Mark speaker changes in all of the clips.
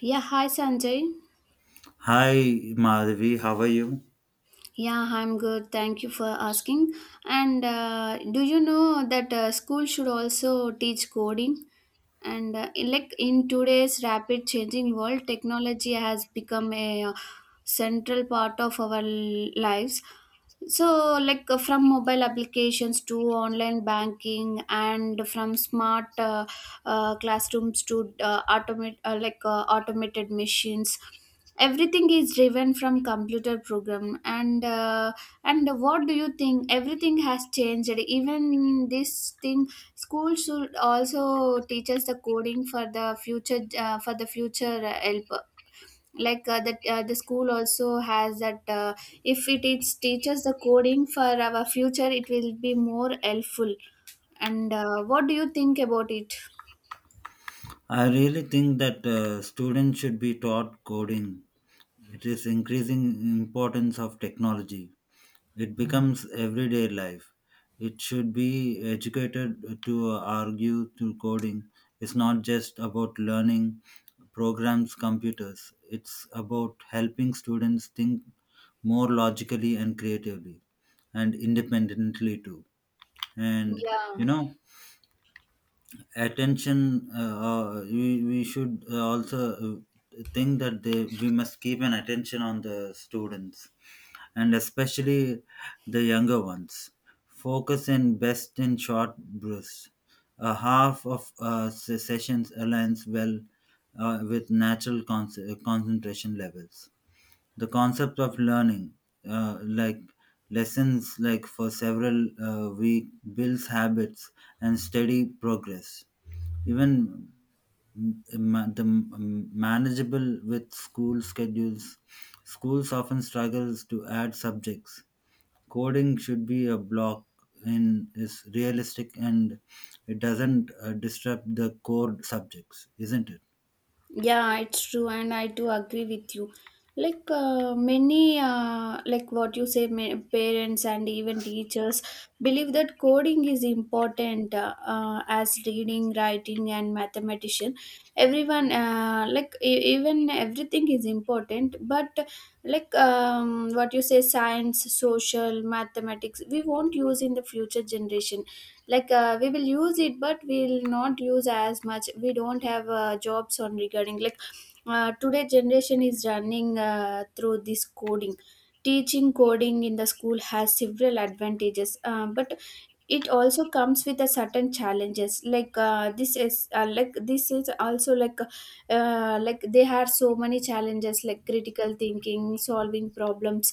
Speaker 1: Yeah, hi Sanjay.
Speaker 2: Hi Madhavi, how are you?
Speaker 1: Yeah, I'm good. Thank you for asking. And do you know that school should also teach coding? And like in today's rapid changing world, technology has become a central part of our lives. So, like from mobile applications to online banking, and from smart classrooms to automated machines, everything is driven from computer program, and what do you think, everything has changed, even this thing, school should also teach us the coding for the future, for the future help, like that the school also has that if it is teaches the coding for our future it will be more helpful. And what do you think about it?
Speaker 2: I really think that students should be taught coding. It is increasing importance of technology. It becomes everyday life. It should be educated to argue through coding. It's not just about learning programs, computers. It's about helping students think more logically and creatively and independently too. And you
Speaker 1: Yeah.
Speaker 2: know, attention we should also think that they we must keep an attention on the students, and especially the younger ones focus in best in short bursts. A half of sessions aligns well with natural concentration levels. The concept of learning, like lessons like for several week, builds habits and steady progress, even manageable with school schedules. Schools often struggles to add subjects. Coding should be a block in is realistic and it doesn't disrupt the core subjects, isn't it?
Speaker 1: Yeah, it's true, and I do agree with you. Like many, what you say, parents and even teachers believe that coding is important as reading, writing, and mathematician. Everyone, even everything is important, but like what you say, science, social, mathematics, we won't use in the future generation. Like we will use it, but we will not use as much, we don't have jobs on regarding, like today generation is running through this coding. Teaching coding in the school has several advantages, but it also comes with a certain challenges, like this is this is also, like they had so many challenges, like critical thinking, solving problems.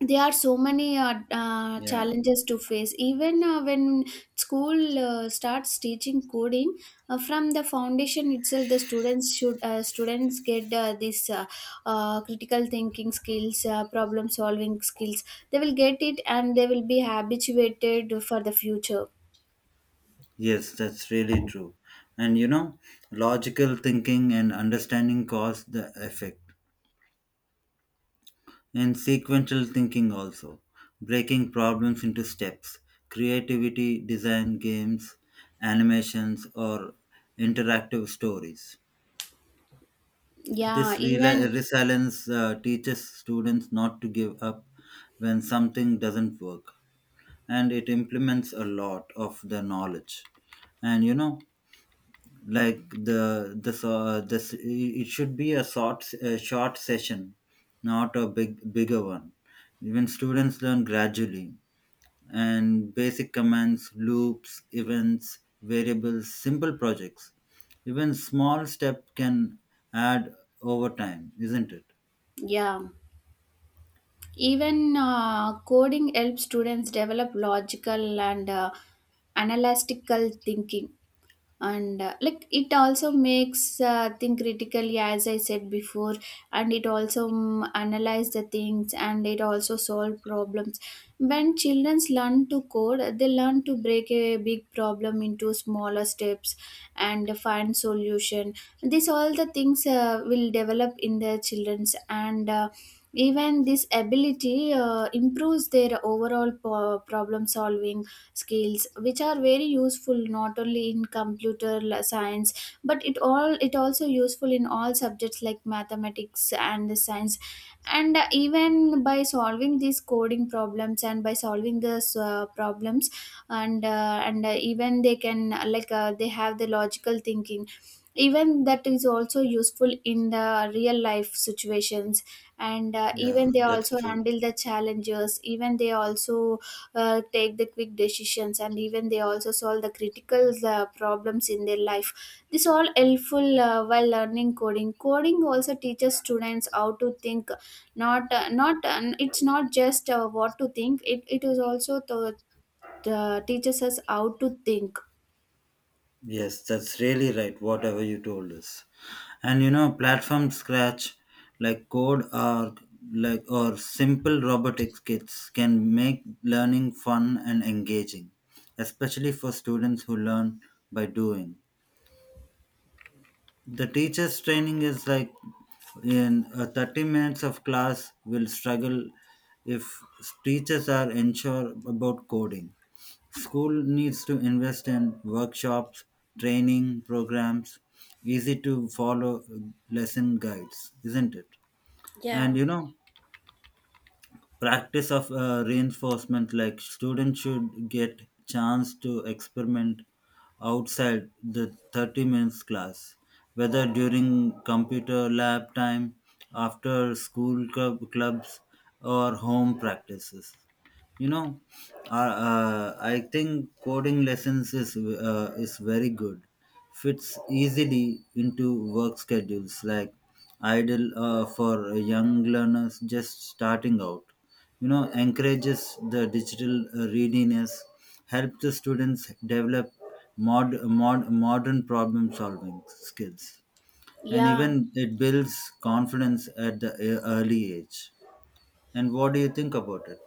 Speaker 1: There are so many
Speaker 2: Yeah,
Speaker 1: challenges to face, even when school starts teaching coding from the foundation itself, the students should students get this critical thinking skills, problem solving skills, they will get it, and they will be habituated for the future.
Speaker 2: yes, that's really true. And you know, logical thinking and understanding cause the effect, and sequential thinking also, breaking problems into steps, creativity, design, games, animations, or interactive stories.
Speaker 1: yeah
Speaker 2: This
Speaker 1: even
Speaker 2: resilience teaches students not to give up when something doesn't work, and it implements a lot of the knowledge. And you know, like the so this it should be a short, a short session, not a bigger one. Even students learn gradually, and basic commands, loops, events, variables, simple projects, even small step can add over time, isn't it?
Speaker 1: yeah even coding helps students develop logical and analytical thinking, and it also makes think critically, as I said before. And it also analyze the things, and it also solve problems. When children learn to code, they learn to break a big problem into smaller steps and find solution. This all the things will develop in their children's, and even this ability improves their overall problem solving skills, which are very useful not only in computer science, but it also useful in all subjects like mathematics and science. And even by solving these coding problems, and by solving these problems, and even they can they have the logical thinking, even that is also useful in the real life situations. And
Speaker 2: Yeah,
Speaker 1: even they
Speaker 2: that's
Speaker 1: also
Speaker 2: true.
Speaker 1: handle the challenges, even they also take the quick decisions, and even they also solve the critical problems in their life. This all helpful while learning coding. Coding also teaches students how to think, not not it's not just what to think, it is also to, teaches us how to think.
Speaker 2: Yes, that's really right, whatever you told us. And you know, platform scratch, like code, or like or simple robotics kits can make learning fun and engaging, especially for students who learn by doing. The teacher's training is like in 30 minutes of class will struggle if teachers are unsure about coding. School needs to invest in workshops, training programs, easy to follow lesson guides, isn't it? And you know, practice of reinforcement, like students should get chance to experiment outside the 30 minutes class, whether during computer lab time, after school club, clubs, or home practices. You know, I think coding lessons is very good, fits easily into work schedules, like ideal for young learners just starting out. You know, encourages the digital readiness, helps the students develop modern problem solving skills, and
Speaker 1: Yeah.
Speaker 2: even it builds confidence at the early age. And what do you think about it?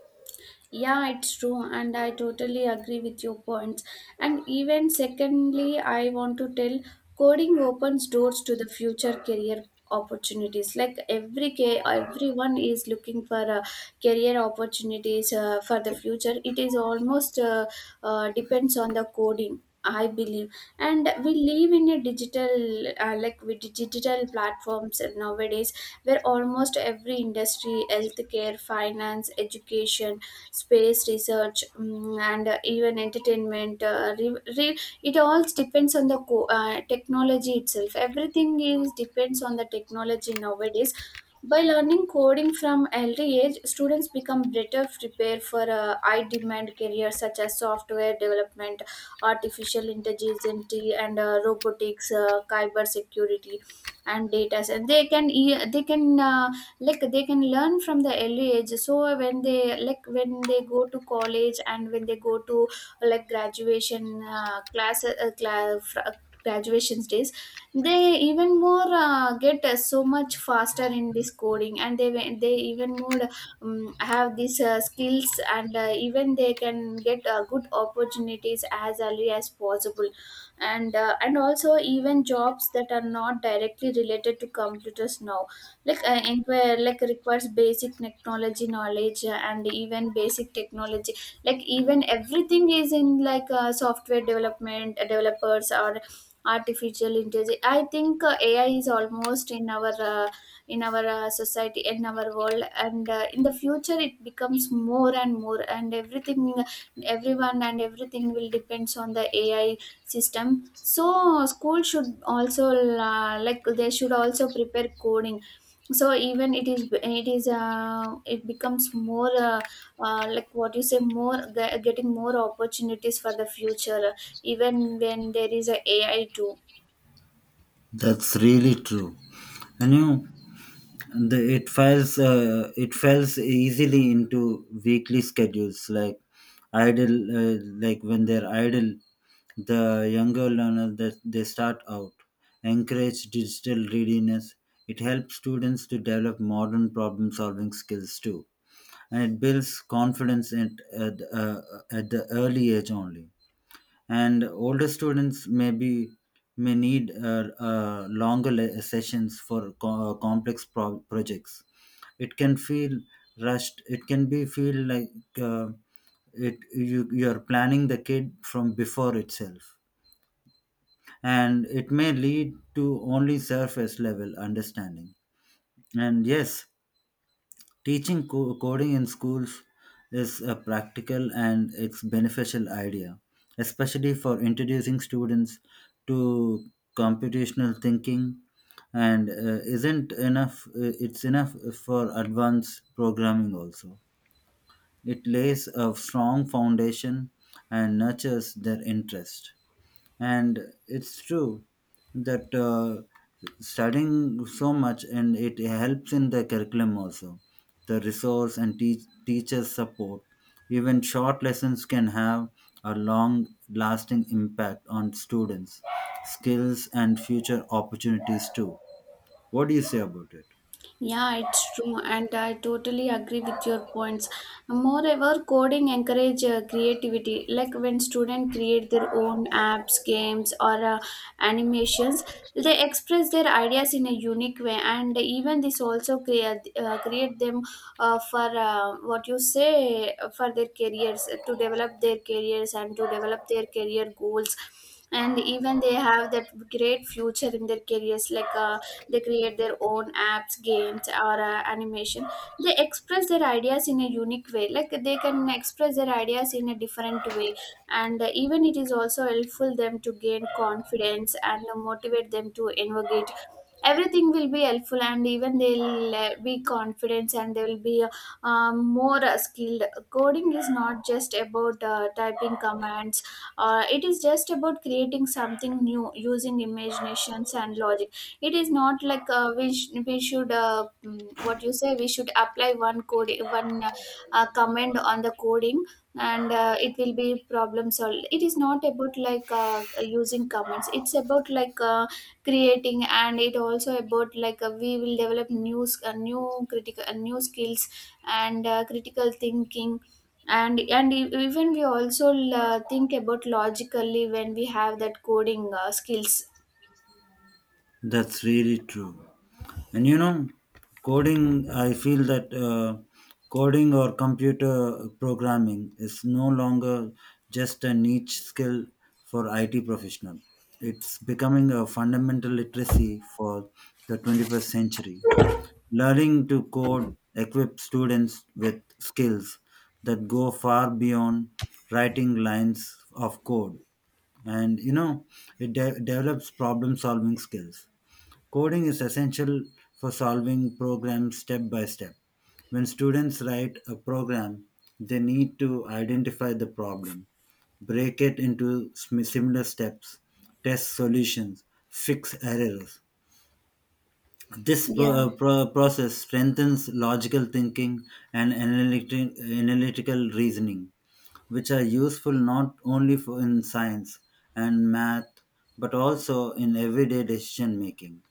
Speaker 1: Yeah, it's true, and I totally agree with your points. And even secondly, I want to tell, coding opens doors to the future career opportunities. Like every everyone is looking for career opportunities for the future. It is almost depends on the coding, I believe. And we live in a digital, with digital platforms nowadays, where almost every industry, healthcare, finance, education, space research, and even entertainment, it all depends on the technology itself, everything is depends on the technology nowadays. By learning coding from early age, students become better prepared for high demand careers such as software development, artificial intelligence, and robotics, cyber security, and data science. They can they can learn from the early age, so when they, like when they go to college, and when they go to like graduation graduation days, they even more get so much faster in this coding, and they even more have these skills, and even they can get good opportunities as early as possible. And also, even jobs that are not directly related to computers now, like inquire, like requires basic technology knowledge, and even basic technology, like even everything is in, like software development developers, or artificial intelligence. I think AI is almost in our society, in our world, and in the future it becomes more and more, and everything, everyone and everything will depends on the AI system. So school should also they should also prepare coding. So even it is, it becomes more what you say, more getting more opportunities for the future, even when there is a AI too.
Speaker 2: That's really true. And you know, the, it falls easily into weekly schedules, like idle, like when they're idle, the younger learners that they start out. Encourage digital readiness, it helps students to develop modern problem solving skills too, and it builds confidence at, uh, at the early age only. And older students may be, may need longer sessions for complex projects. It can feel rushed, it can be feel like, uh, it you, you are planning the kid from before itself, and it may lead to only surface level understanding. And yes, teaching coding in schools is a practical and it's beneficial idea, especially for introducing students to computational thinking, and isn't enough, it's enough for advanced programming also. It lays a strong foundation and nurtures their interest. And it's true that studying so much, and it helps in the curriculum also. The resource and teachers support. Even short lessons can have a long lasting impact on students' skills and future opportunities too. What do you say about it?
Speaker 1: Yeah, it's true, and I totally agree with your points. Moreover, coding encourage creativity. Like when students create their own apps, games, or animations, they express their ideas in a unique way, and even this also create create them for what you say, for their careers, to develop their careers and to develop their career goals. And even they have that great future in their careers, like. They create their own apps, games, or animation, they express their ideas in a unique way, like they can express their ideas in a different way. And even it is also helpful them to gain confidence, and motivate them to innovate. Everything will be helpful, and even they'll be confident, and they will be more skilled. Coding is not just about typing commands, it is just about creating something new using imaginations and logic. It is not like we should what you say, we should apply one code, one command on the coding, and it will be problem solved. It is not about like using comments, it's about like creating, and it also about like we will develop new critical new skills, and critical thinking. And even we also think about logically when we have that coding skills.
Speaker 2: That's really true. And you know, coding, I feel that coding or computer programming is no longer just a niche skill for IT professional. It's becoming a fundamental literacy for the 21st century. Learning to code equips students with skills that go far beyond writing lines of code. And you know, it develops problem solving skills. Coding is essential for solving programs step by step. When students write a program, they need to identify the problem, break it into similar steps, test solutions, fix errors. This
Speaker 1: Yeah.
Speaker 2: process strengthens logical thinking and analytical reasoning, which are useful not only for in science and math, but also in everyday decision making.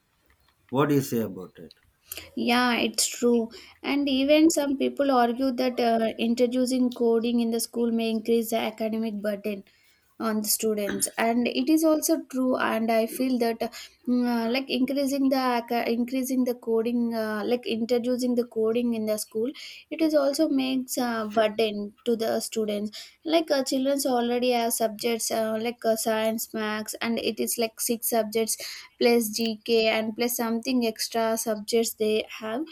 Speaker 2: What do you say about it?
Speaker 1: Yeah, it's true. And even some people argue that introducing coding in the school may increase the academic burden on the students. And it is also true. And I feel that increasing the coding, introducing the coding in the school, it is also makes a burden to the students. Like children already have subjects like science, maths, and it is like 6 subjects plus GK and plus something extra subjects they have.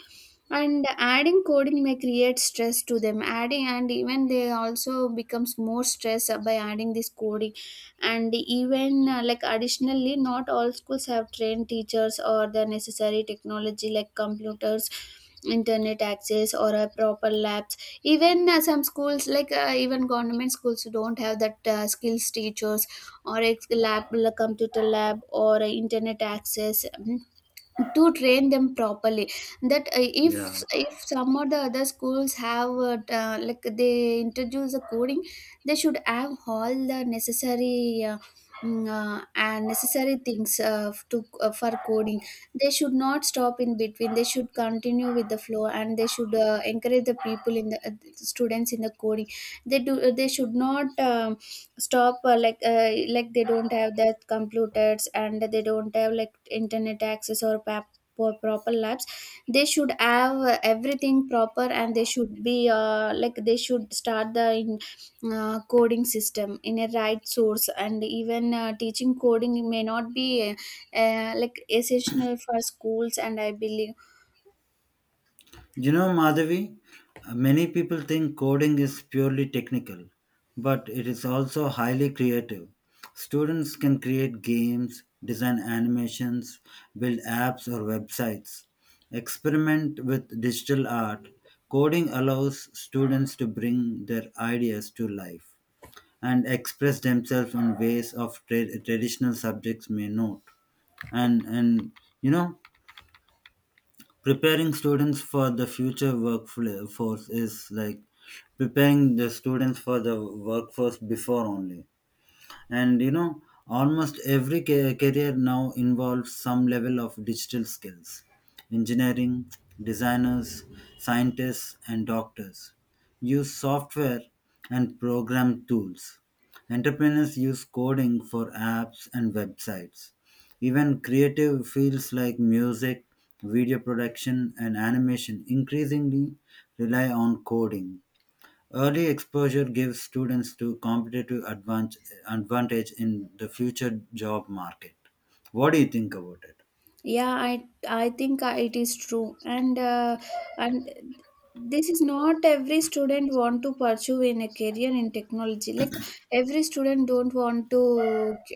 Speaker 1: And adding coding may create stress to them, adding and even they also becomes more stress by adding this coding. And even like additionally, not all schools have trained teachers or the necessary technology, like computers, internet access, or a proper labs. Even some schools, like even government schools don't have that skills teachers, or lab, like computer lab, or internet access. To train them properly. That uh, if
Speaker 2: Yeah.
Speaker 1: if some or the other schools have they introduce the coding, they should have all the necessary and necessary things to for coding. They should not stop in between, they should continue with the flow, and they should encourage the people in the students in the coding. They do, they should not stop, like they don't have their computers, and they don't have like internet access, or proper labs. They should have everything proper, and they should be they should start the coding system in a right source. And even teaching coding may not be essential for schools, and I believe.
Speaker 2: You know, Madhavi, many people think coding is purely technical, but it is also highly creative. Students can create games, design animations, build apps or websites, experiment with digital art. Coding allows students to bring their ideas to life and express themselves in ways of traditional subjects may not. And you know, preparing students for the future workforce is like preparing the students for the workforce before only. And you know, almost every career now involves some level of digital skills: engineering, designers, scientists, and doctors use software and program tools, entrepreneurs use coding for apps and websites, even creative fields like music, video production, and animation increasingly rely on coding. Early exposure gives students to competitive advantage in the future job market. What do you think about it?
Speaker 1: Yeah, I think it is true, and this is not every student want to pursue in a career in technology, like every student don't want to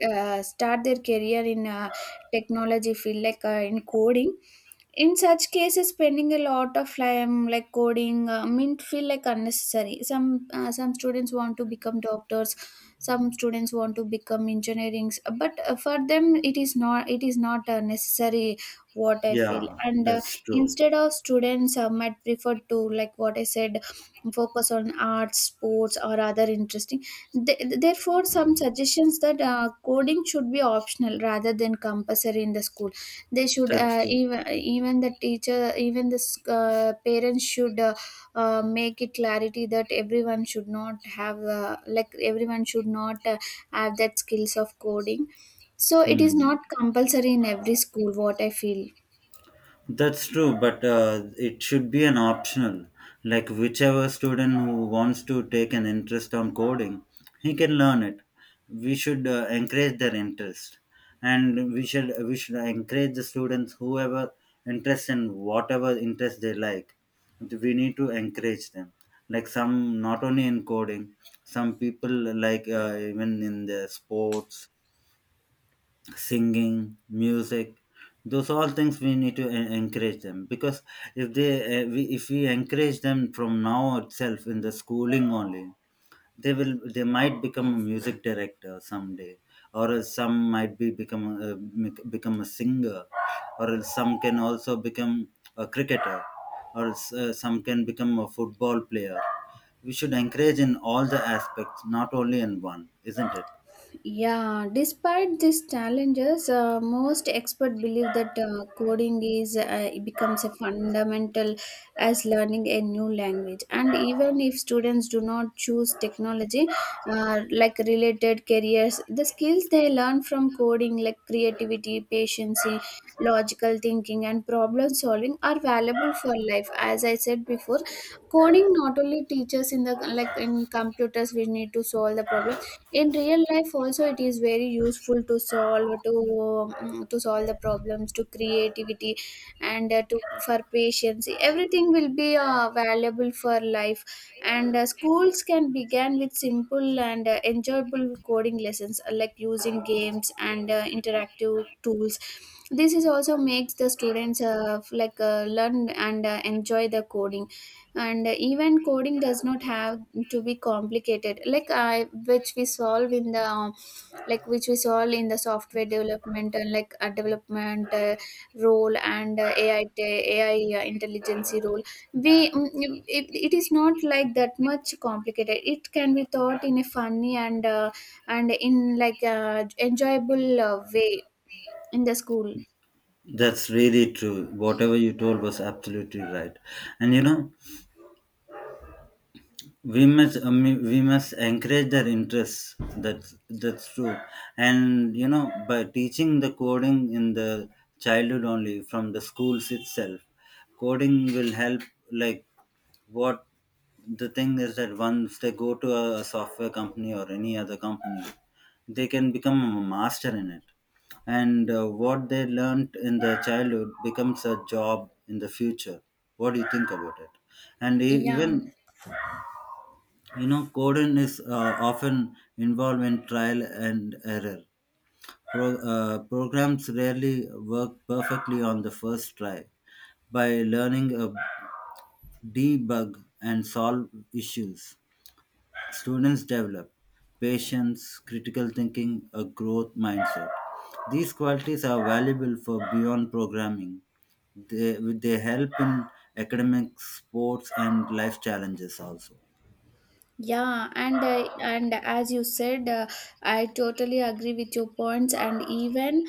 Speaker 1: start their career in technology field, like in coding. In such cases, spending a lot of time like coding mean feel like unnecessary. Some students want to become doctors, some students want to become engineering, but for them it is not necessary. What I feel,
Speaker 2: Yeah,
Speaker 1: and
Speaker 2: that's true.
Speaker 1: instead of students might prefer to, like what I said, focus on arts, sports, or other interesting. Therefore, some suggestions that coding should be optional rather than compulsory in the school. They should
Speaker 2: That's true.
Speaker 1: even the teacher, even the parents should make it clarity that everyone should not have like everyone should not have that skills of coding, so it is
Speaker 2: Hmm.
Speaker 1: not compulsory in every school, what I feel.
Speaker 2: That's true, but it should be an optional. Like whichever student who wants to take an interest on coding, he can learn it. We should encourage their interest, and we should encourage the students whoever interest in whatever interest they like. We need to encourage them. Like some, not only in coding, some people like, even in the sports, singing, music, those all things we need to encourage them. Because if they we, if we encourage them from now itself in the schooling only, they will, they might become a music director someday, or else some might be become a, eh, become a singer, or else some can also become a cricketer, or else, some can become a football player. We should encourage in all the aspects, not only in one, isn't it?
Speaker 1: Yeah, despite these challenges, most experts believe that coding is it becomes a fundamental as learning a new language. And even if students do not choose technology, like related careers, the skills they learn from coding, like creativity, patience, logical thinking, and problem solving, are valuable for life. As I said before, coding not only teaches in the, like in computers, we need to solve the problem in real life also. It is very useful to solve the problems, to creativity, and to, for patience, everything will be valuable for life. And schools can begin with simple and enjoyable coding lessons, like using games and interactive tools. This is also makes the students like learn and enjoy the coding. And even coding does not have to be complicated, like I, which we solve in the like which we solve in the software development, and like a development role, and AI, intelligence role. We mm, mm, it is not like that much complicated, it can be taught in a funny and in like enjoyable way in the school.
Speaker 2: That's really true. Whatever you told was absolutely right. And you know, we must encourage their interests, that's true. And you know, by teaching the coding in the childhood only, from the schools itself, coding will help, like what the thing is that once they go to a software company or any other company, they can become a master in it. And what they learned in the childhood becomes a job in the future. What do you think about it? And
Speaker 1: Yeah.
Speaker 2: even you know, coding is often involved in trial and error. Programs rarely work perfectly on the first try. By learning a debug and solve issues, students develop patience, critical thinking, a growth mindset. These qualities are valuable for beyond programming. They help in academics, sports, and life challenges also.
Speaker 1: Yeah, and and as you said, I totally agree with your points, and even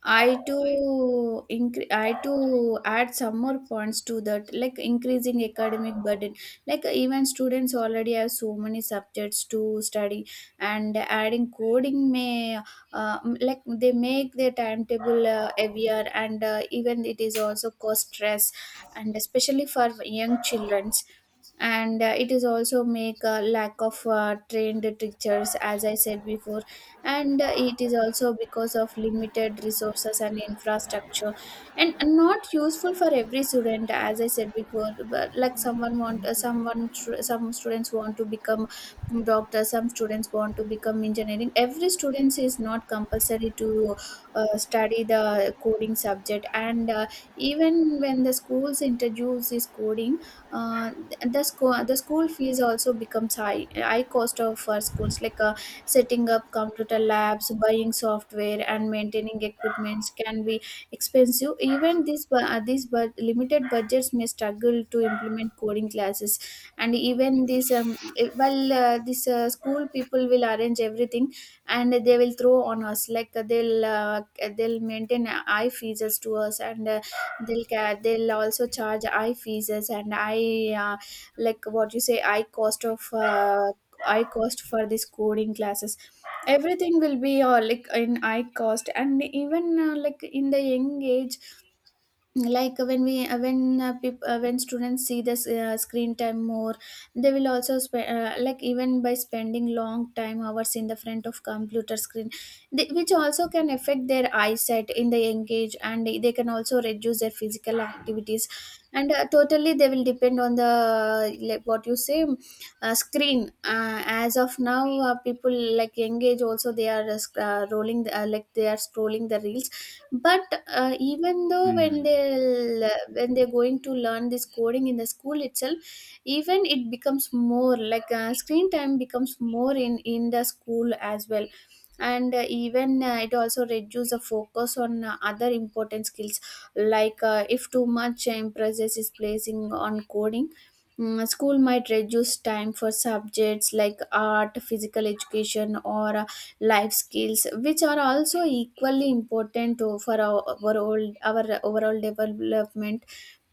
Speaker 1: I too add some more points to that, like increasing academic burden. Like even students already have so many subjects to study, and adding coding may, like they make their timetable heavier, and even it is also cause stress, and especially for young children. And it is also make a lack of trained teachers, as I said before. And it is also because of limited resources and infrastructure, and not useful for every student, as I said before. But like someone want some students want to become doctor, some students want to become engineering. Every student is not compulsory to study the coding subject. And even when the schools introduce this coding, uh, the school fees also becomes high, high cost of for schools, like setting up computer labs, buying software, and maintaining equipments can be expensive. Even these, but limited budgets may struggle to implement coding classes. And even this this school people will arrange everything, and they will throw on us, like they'll maintain high fees as to us. And they'll also charge eye fees and eye, like what you say, eye cost of eye cost for these coding classes. Everything will be like in eye cost. And even like in the young age, like when we when students see this screen time more, they will also like even by spending long time hours in the front of computer screen, they, which also can affect their eyesight in the young age, and they can also reduce their physical activities. And totally they will depend on the, like what you say, screen, as of now people, like young age also, they are rolling the, like they are scrolling the reels. But even though when
Speaker 2: Mm.
Speaker 1: they, when they're going to learn this coding in the school itself, even it becomes more, like screen time becomes more in the school as well. And even it also reduces the focus on other important skills. Like if too much emphasis is placing on coding, school might reduce time for subjects like art, physical education, or life skills, which are also equally important to, for our overall, our overall development.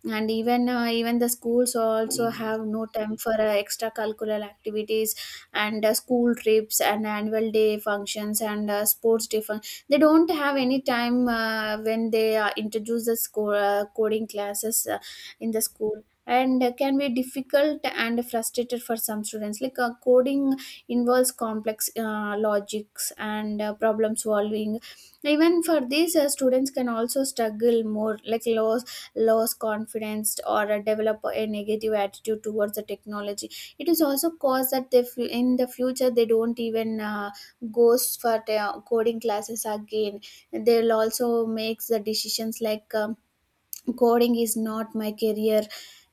Speaker 1: And even even the schools also have no time for extracurricular activities, and school trips and annual day functions and they don't have any time, when they introduce the coding classes in the school. And can be difficult and frustrated for some students, like coding involves complex logics and problem solving. Even for these students can also struggle more, like low lose confidence or develop a negative attitude towards the technology. It is also cause that in the future they don't even goes for the coding classes again. They'll also makes the decisions like coding is not my career.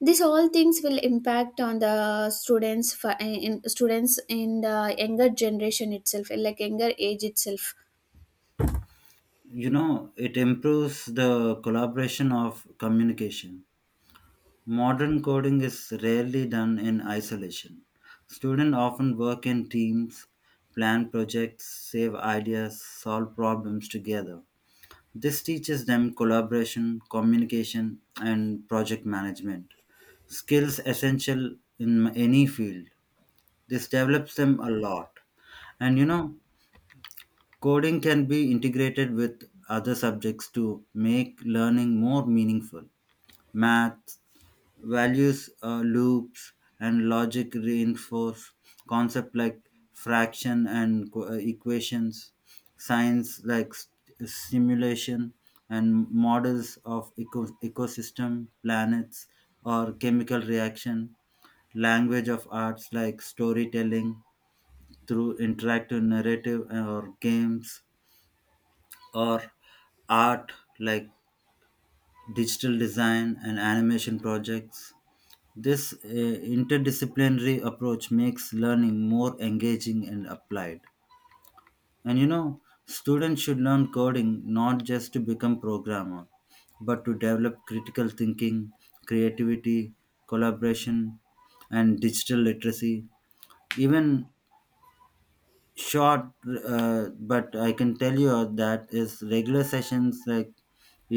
Speaker 1: These all things will impact on the students for, in students in the younger generation itself, like younger age itself.
Speaker 2: You know, it improves the collaboration of communication. Modern coding is rarely done in isolation. Students often work in teams, plan projects, save ideas, solve problems together. This teaches them collaboration, communication, and project management, skills essential in any field. This develops them a lot. And you know, coding can be integrated with other subjects to make learning more meaningful. Maths, values loops, and logic reinforce concepts like fraction and equations. Science like simulation and models of ecosystem, planets, or chemical reaction. Language of arts like storytelling through interactive narrative or games, or art like digital design and animation projects. This interdisciplinary approach makes learning more engaging and applied. And you know, students should learn coding not just to become programmer, but to develop critical thinking, creativity, collaboration, and digital literacy. Even short, but I can tell you that is regular sessions, like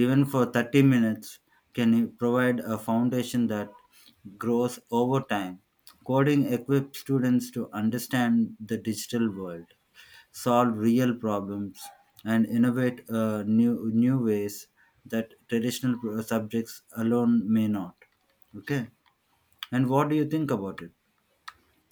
Speaker 2: even for 30 minutes, can provide a foundation that grows over time. Coding equips students to understand the digital world, solve real problems, and innovate new, new ways that traditional subjects alone may not. Okay, and what do you think about it?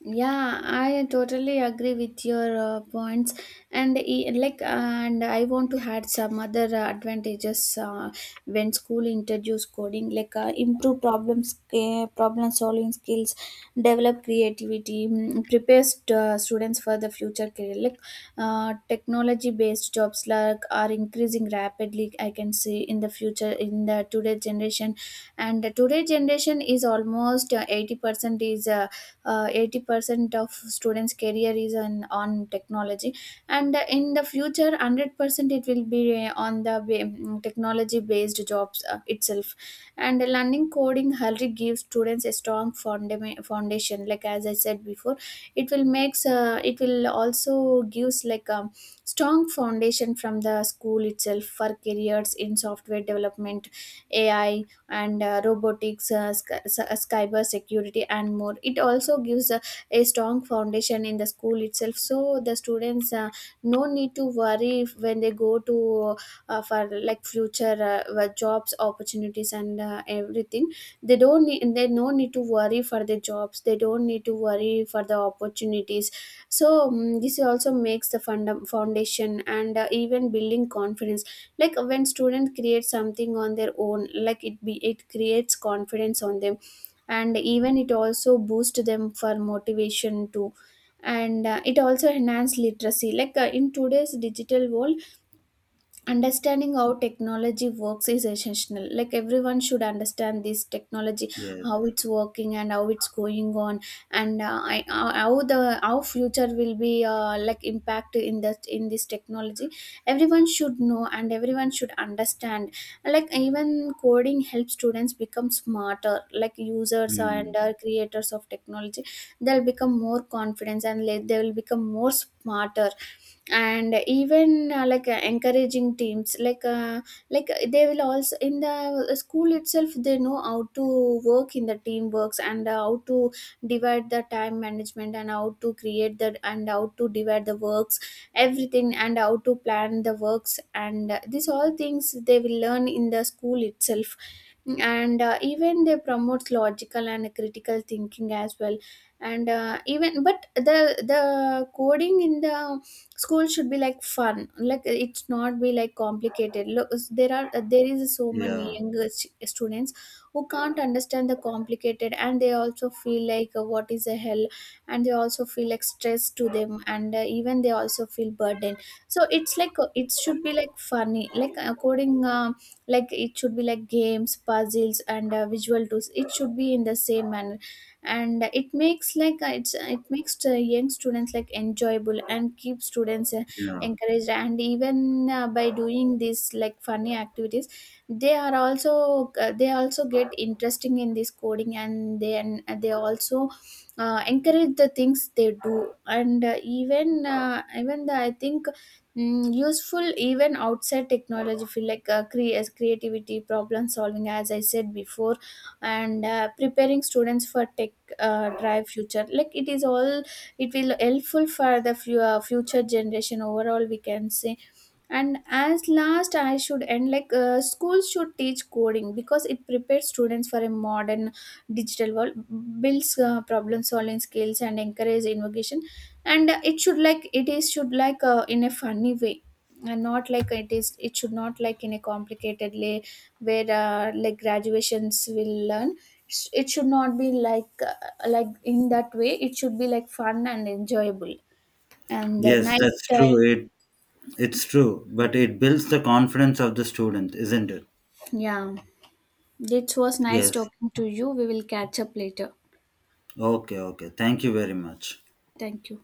Speaker 1: Yeah, I totally agree with your points. And like, and I want to add some other advantages, when school introduce coding, like improve problems problem solving skills, develop creativity, prepares students for the future career. Like technology based jobs like are increasing rapidly, I can see in the future, in the today generation. And the today generation is almost 80% is 80% of students career is on technology. And in the future 100% it will be on the technology based jobs itself. And learning coding already gives students a strong foundation, like as I said before. It will makes it will also gives like strong foundation from the school itself for careers in software development, AI, and robotics, cyber security, and more. It also gives a strong foundation in the school itself, so the students no need to worry when they go to for like future jobs opportunities and everything. They don't need, they no need to worry for the jobs. They don't need to worry for the opportunities. So this also makes the foundation, and even building confidence, like when students create something on their own, like it be, it creates confidence on them. And even it also boosts them for motivation too. And it also enhance literacy, like in today's digital world, understanding how technology works is essential, like everyone should understand this technology,
Speaker 2: Yes.
Speaker 1: how it's working and how it's going on. And how the, how future will be like impact in that, in this technology. Everyone should know and everyone should understand. Like even coding helps students become smarter, like users and
Speaker 2: Hmm.
Speaker 1: creators of technology. They'll become more confident and, like, they will become more smarter. And even like encouraging teams, like they will also in the school itself, they know how to work in the teamworks, and how to divide the time management, and how to create that, and how to divide the works, everything, and how to plan the works. And these all things they will learn in the school itself. And even they promote logical and critical thinking as well. And even but the coding in the school should be like fun, like it's not be like complicated. Look, there is so many
Speaker 2: Yeah.
Speaker 1: younger students who can't understand the complicated, and they also feel like, what is the hell. And they also feel like stress to them, and even they also feel burden. So it's like, it should be like funny, like according, like it should be like games, puzzles, and visual tools, it should be in the same manner. And it makes like it makes the young students like enjoyable and keep students
Speaker 2: Yeah.
Speaker 1: encouraged. And even by doing these like funny activities, they are also they also get interesting in this coding, and then they also encourage the things they do. And even the, I think, useful even outside technology feel, like as creativity, problem solving, as I said before. And preparing students for tech, drive future, like it is all, it will helpful for the future generation overall, we can say. And as last I should end like, schools should teach coding because it prepares students for a modern digital world, builds problem solving skills, and encourage innovation. And it should like it is should like in a funny way, and not like it is, it should not like in a complicated way where like graduations will learn. It should not be like in that way, it should be like fun and enjoyable and a
Speaker 2: Yes,
Speaker 1: nice
Speaker 2: that's true.
Speaker 1: time.
Speaker 2: It, it's true, but it builds the confidence of the student, isn't it?
Speaker 1: Yeah. It was nice
Speaker 2: Yes.
Speaker 1: talking to you. We will catch up later.
Speaker 2: Okay, okay. Thank you very much.
Speaker 1: Thank you.